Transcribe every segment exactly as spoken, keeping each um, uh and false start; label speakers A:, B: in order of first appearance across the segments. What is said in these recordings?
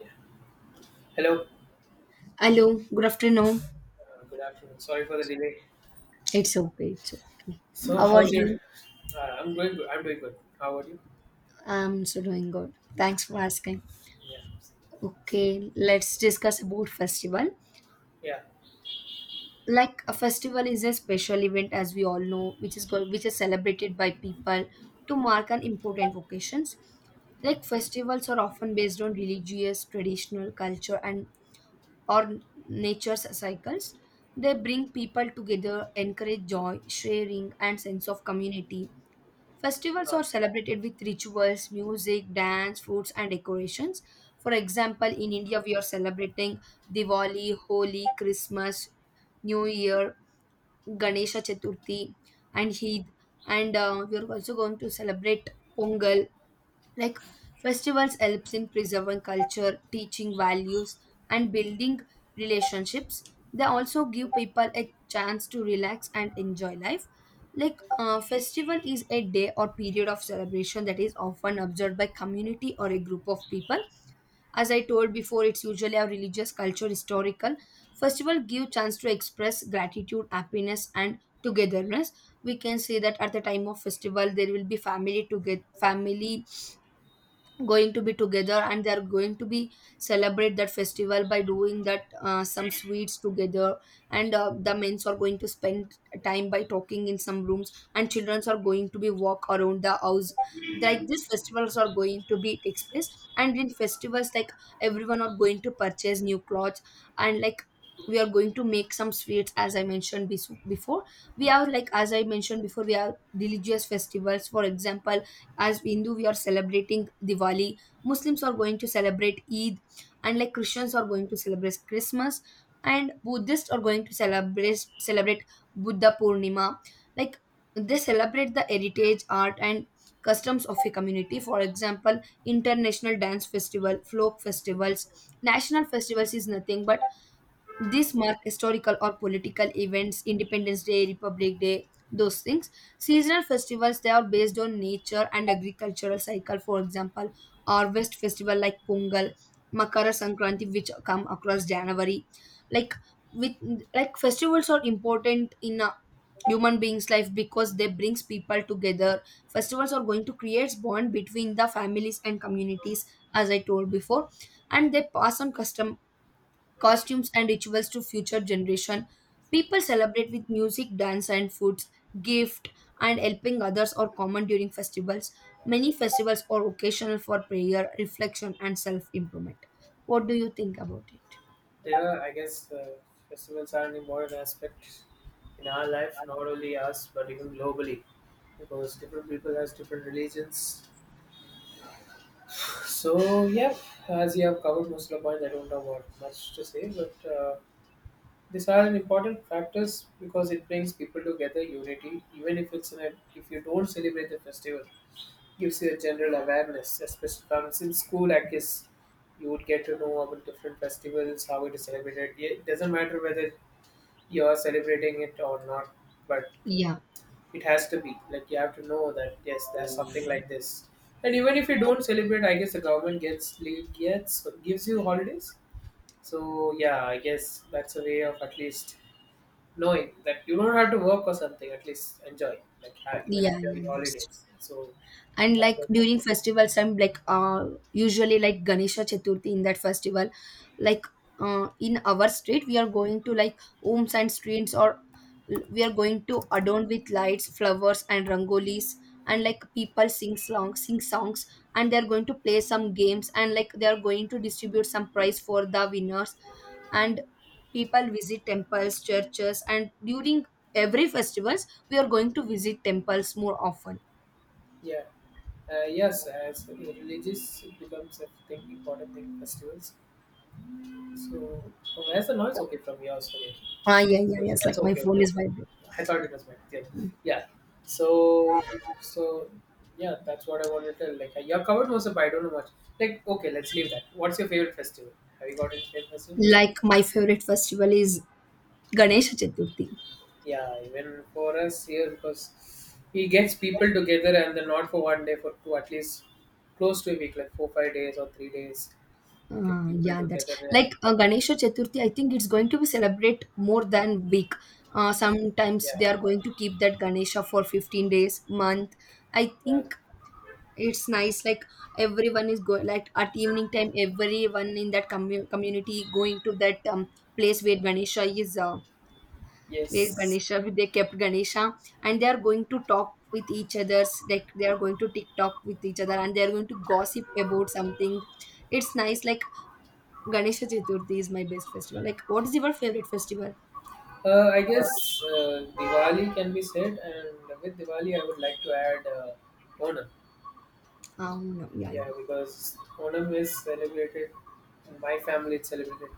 A: Yeah. Hello.
B: Hello, good afternoon.
A: Uh, good afternoon. Sorry for the delay.
B: It's okay, it's okay.
A: So,
B: How are
A: how's your?
B: you?
A: Uh, I'm going. Good. I'm doing good. How about you?
B: I'm so doing good. Thanks for asking.
A: Yeah.
B: Okay, let's discuss about festival.
A: Yeah.
B: Like a festival is a special event, as we all know, which is go- which is celebrated by people to mark an important occasions. Like festivals are often based on religious, traditional culture, and or nature's cycles. They bring people together, encourage joy, sharing, and sense of community. Festivals
A: Uh,
B: are celebrated with rituals, music, dance, foods, and decorations. For example, in India, we are celebrating Diwali, Holi, Christmas, New Year, Ganesha Chaturthi, and Eid. And uh, we are also going to celebrate Pongal. Like festivals helps in preserving culture, teaching values, and building relationships. They also give people a chance to relax and enjoy life. Like uh, festival is a day or period of celebration that is often observed by community or a group of people. As I told before, it's usually a religious, culture, historical. Festival give chance to express gratitude, happiness, and togetherness. We can say that at the time of festival, there will be family together, family going to be together, and they are going to be celebrate that festival by doing that uh, some sweets together. And uh, the men's are going to spend time by talking in some rooms, and childrens are going to be walk around the house. Like these festivals are going to be takes place. And in festivals, like, everyone are going to purchase new clothes. And like we are going to make some sweets, as I mentioned bes- before. We have like, as I mentioned before, we have religious festivals. For example, as Hindu, we are celebrating Diwali. Muslims are going to celebrate Eid, and like Christians are going to celebrate Christmas, and Buddhists are going to celebrate celebrate Buddha Purnima. Like they celebrate the heritage, art, and customs of a community. For example, international dance festival, folk festivals. National festivals is nothing but this mark historical or political events, Independence Day, Republic Day, those things. Seasonal festivals, they are based on nature and agricultural cycle, for example, harvest festival like Pongal, Makara Sankranti, which come across January. Like with like festivals are important in a human being's life, because they brings people together. Festivals are going to create bond between the families and communities, as I told before, and they pass on custom, costumes, and rituals to future generation. People celebrate with music, dance, and foods. Gift and helping others are common during festivals. Many festivals are occasional for prayer, reflection, and self improvement. What do you think about it?
A: yeah, I guess uh, festivals are an important aspect in our life, not only us but even globally, because different people has different religions. So, yeah. As you have covered most of the points, I don't have what much to say, but. Uh, these are an important factors because it brings people together unity even if it's in a, if you don't celebrate the festival gives you a general awareness, especially from since school, I guess you would get to know about different festivals, how it is celebrated. Yeah, it doesn't matter whether you are celebrating it or not, but
B: Yeah,
A: it has to be like you have to know that yes, there's something like this. And even if you don't celebrate, I guess the government gets leave gets gives you holidays. So yeah, I guess that's a way of at least knowing that you don't have to work or something. At least enjoy, like have, even
B: yeah,
A: enjoy
B: yeah,
A: your
B: that's.
A: holidays. So
B: And
A: that's
B: like
A: what. It,
B: during festivals, I'm like, uh usually like Ganesha Chaturthi. In that festival, like, uh, in our street we are going to like homes and streets, or we are going to adorn with lights, flowers, and rangolis. And like people sing songs sing songs, and they're going to play some games. And like they are going to distribute some prize for the winners. And people visit temples, churches, and during every festivals, we are going to visit temples more often.
A: yeah. Uh, yes, as religious becomes a thing, important thing festivals. So, oh, where's the noise? Okay, from yours. Okay,
B: Ah, yeah, yeah,
A: so
B: yes.
A: that's
B: Like my
A: okay. Okay,
B: phone is vibrating.
A: okay. I thought it was mine. Yeah, yeah. So, so yeah, that's what I wanted to tell. Like, uh, your covered was up. I don't know much. Like, okay, let's leave that. What's your favorite festival? Have you got any favorite festival?
B: Like my favorite festival is Ganesha Chaturthi.
A: Yeah, even for us here, because he gets people together and then not for one day, for two, at least close to a week, like four, five days or three days get
B: Uh,
A: people
B: yeah, that's.
A: together and
B: Like uh, Ganesha Chaturthi, I think it's going to be celebrate more than week. Uh, sometimes
A: yeah,
B: they are going to keep that Ganesha for fifteen days, month. I
A: yeah,
B: think it's nice. Like everyone is going, like at evening time, everyone in that commu- community going to that um, place where Ganesha is, uh, where
A: yes.
B: Ganesha, they kept Ganesha, and they are going to talk with each other's, like they are going to TikTok with each other, and they are going to gossip about something. It's nice. Like Ganesha Chaturthi is my best festival. Like, what is your favorite festival?
A: uh, i guess uh, Diwali can be said, and with Diwali I would like to add uh, Onam.
B: Um, no, yeah,
A: Yeah,
B: yeah.
A: because Onam is celebrated in my family. It's celebrated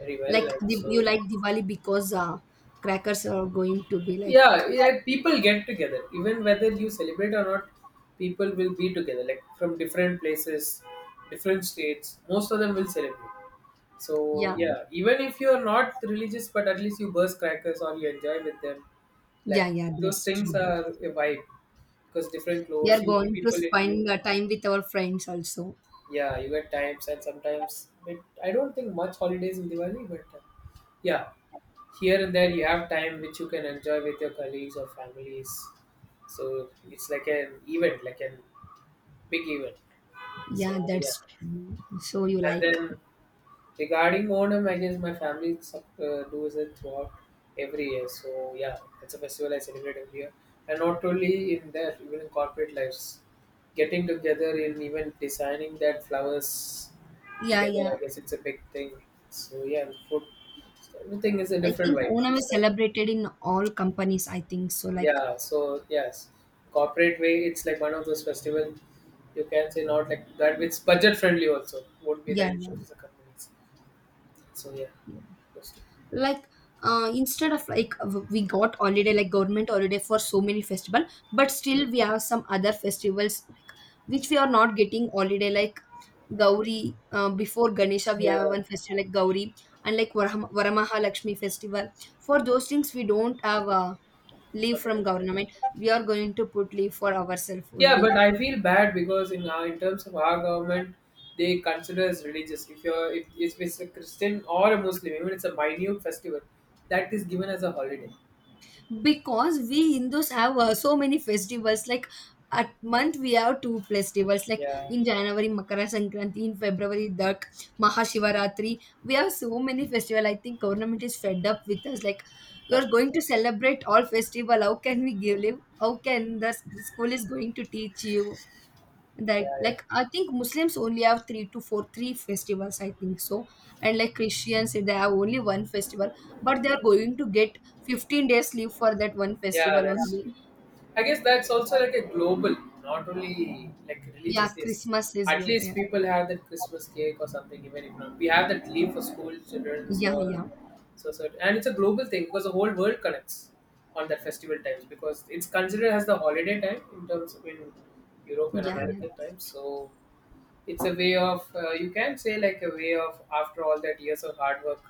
A: very well.
B: Like
A: And
B: Div-
A: so
B: you like Diwali because uh, crackers are going to be like.
A: yeah, yeah, people get together even whether you celebrate or not. People will be together like from different places, different states. Most of them will celebrate. So
B: Yeah,
A: yeah, even if you're not religious, but at least you burst crackers or you enjoy with them. Like,
B: yeah, yeah.
A: those
B: That's
A: things are
B: true.
A: a vibe because different
B: We
A: clothes,
B: are
A: you see
B: going to
A: people in new.
B: spend uh, time with our friends also.
A: Yeah, you get times and sometimes. But I don't think much holidays in Diwali, but uh, yeah, here and there you have time which you can enjoy with your colleagues or families. So it's like an event, like an big event.
B: Yeah,
A: So yeah,
B: that's true. So you
A: and
B: like.
A: then regarding Onam, I guess my family sup- uh, does it throughout every year. So yeah, it's a festival I celebrate every year, and not only in that, even in corporate lives, getting together in even designing that flowers
B: Yeah,
A: together.
B: yeah.
A: I guess it's a big thing. So yeah, food, everything is a
B: I
A: different
B: think
A: vibe.
B: Onam is
A: So,
B: celebrated in all companies, I think so. Like
A: yeah. So yes, corporate way, it's like one of those festivals you can say not like that. It's budget friendly also. Would be that
B: yeah, yeah,
A: issue for the companies. So yeah,
B: yeah.
A: those
B: Like uh, instead of like, w- we got holiday, like government holiday for so many festival. But
A: two.
B: still we have some other festivals like which we are not getting holiday, like Gauri. Uh, before Ganesha, we have
A: Yeah,
B: one festival like Gauri, and like Varaham- Varamaha Lakshmi festival. For those things, we don't have uh, leave from
A: okay.
B: government. We are going to put leave for ourselves
A: Yeah,
B: only.
A: but I feel bad because in our, in terms of our government, they consider as religious. If you're if, if it's a Christian or a Muslim, even it's a minute festival, that is given as a holiday.
B: Because we Hindus have uh, so many festivals. Like at month we have two festivals. Like
A: Yeah,
B: in January Makara Sankranti, in February Dak Mahashivaratri. We have so many festival. I think government is fed up with us. Like you're going to celebrate all festival. How can we give live? How can the s- school is going to teach you?
A: yeah,
B: That,
A: yeah.
B: like, I think Muslims only have three to four three festivals, I think so. And like Christians, if they have only one festival, but they are going to get fifteen days leave for that one
A: Yeah,
B: festival
A: that's
B: only.
A: true. I guess that's also like a global, not only like
B: Yeah,
A: religious. Yes,
B: Christmas is
A: at
B: global.
A: least
B: Yeah,
A: people have that Christmas cake or something. Even if not, we have that leave for school children
B: yeah,
A: or
B: yeah,
A: so so, and it's a global thing because the whole world connects on that festival times because it's considered as the holiday time in terms of in Europe and
B: yeah, yeah.
A: American times. So it's a way of uh, you can say like a way of after all that years of hard work,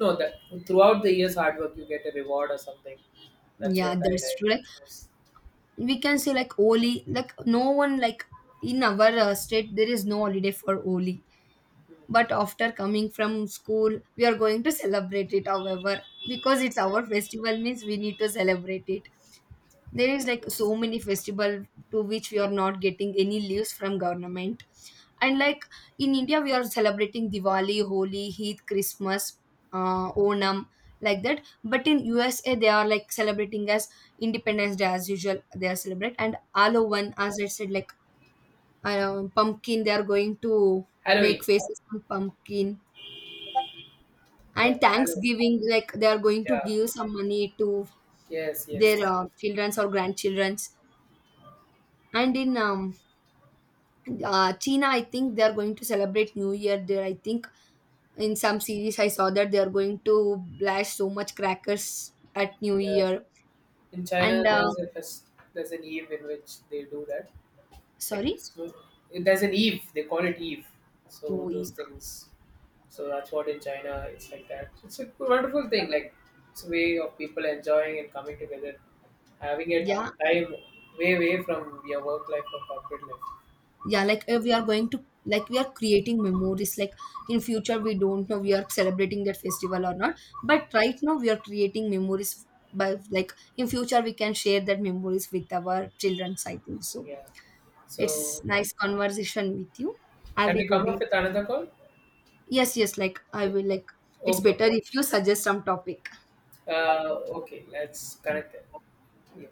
A: no, that throughout the years hard work you get a reward or something. That's
B: Yeah,
A: what I
B: that's
A: like
B: true. Like
A: most.
B: we can say like Oli, like no one like, in our uh, state there is no holiday for Oli.
A: Hmm.
B: But after coming from school, we are going to celebrate it. However, because it's
A: Yeah,
B: our festival, means we need to celebrate it. There is like so
A: yes,
B: many festival to which we are not getting any leaves from government. And like in India, we are celebrating Diwali, Holi, Heath, Christmas, uh, Onam, like that. But in USA, they are like celebrating as Independence Day, as usual they are celebrate. And
A: yeah.
B: one, as I said, like, uh, pumpkin, they are going to make
A: Halloween.
B: faces on pumpkin.
A: Yeah,
B: And
A: Halloween.
B: Thanksgiving, like they are going to
A: Yeah,
B: give some money to
A: yes,
B: their
A: yes,
B: uh, children's or grandchildren's. And in um, uh, China, I think they are going to celebrate New Year there. I think in some series I saw that they are going to blast so much crackers at New
A: yeah.
B: Year.
A: In China
B: And uh,
A: there's a fest, there's an eve in which they do that, like
B: sorry,
A: Christmas. There's an Eve. They call it Eve. So those
B: we.
A: things. So that's what in China it's like that. It's a wonderful thing. Like, it's a way of people enjoying and coming together, having a
B: Yeah,
A: time, way away from your work life or corporate life.
B: yeah. Like uh, we are going to like, we are creating memories. Like in future, we don't know we are celebrating that festival or not, but right now we are creating memories. By like in future, we can share that memories with our children, I think so.
A: Yeah.
B: It's
A: So
B: nice conversation with you. Have
A: can
B: a
A: we
B: good
A: come
B: day.
A: up with another call?
B: Yes, yes, like I
A: Yeah.
B: will. Like it's
A: Okay.
B: better if you suggest some topic.
A: Uh, okay, let's connect it. Yeah.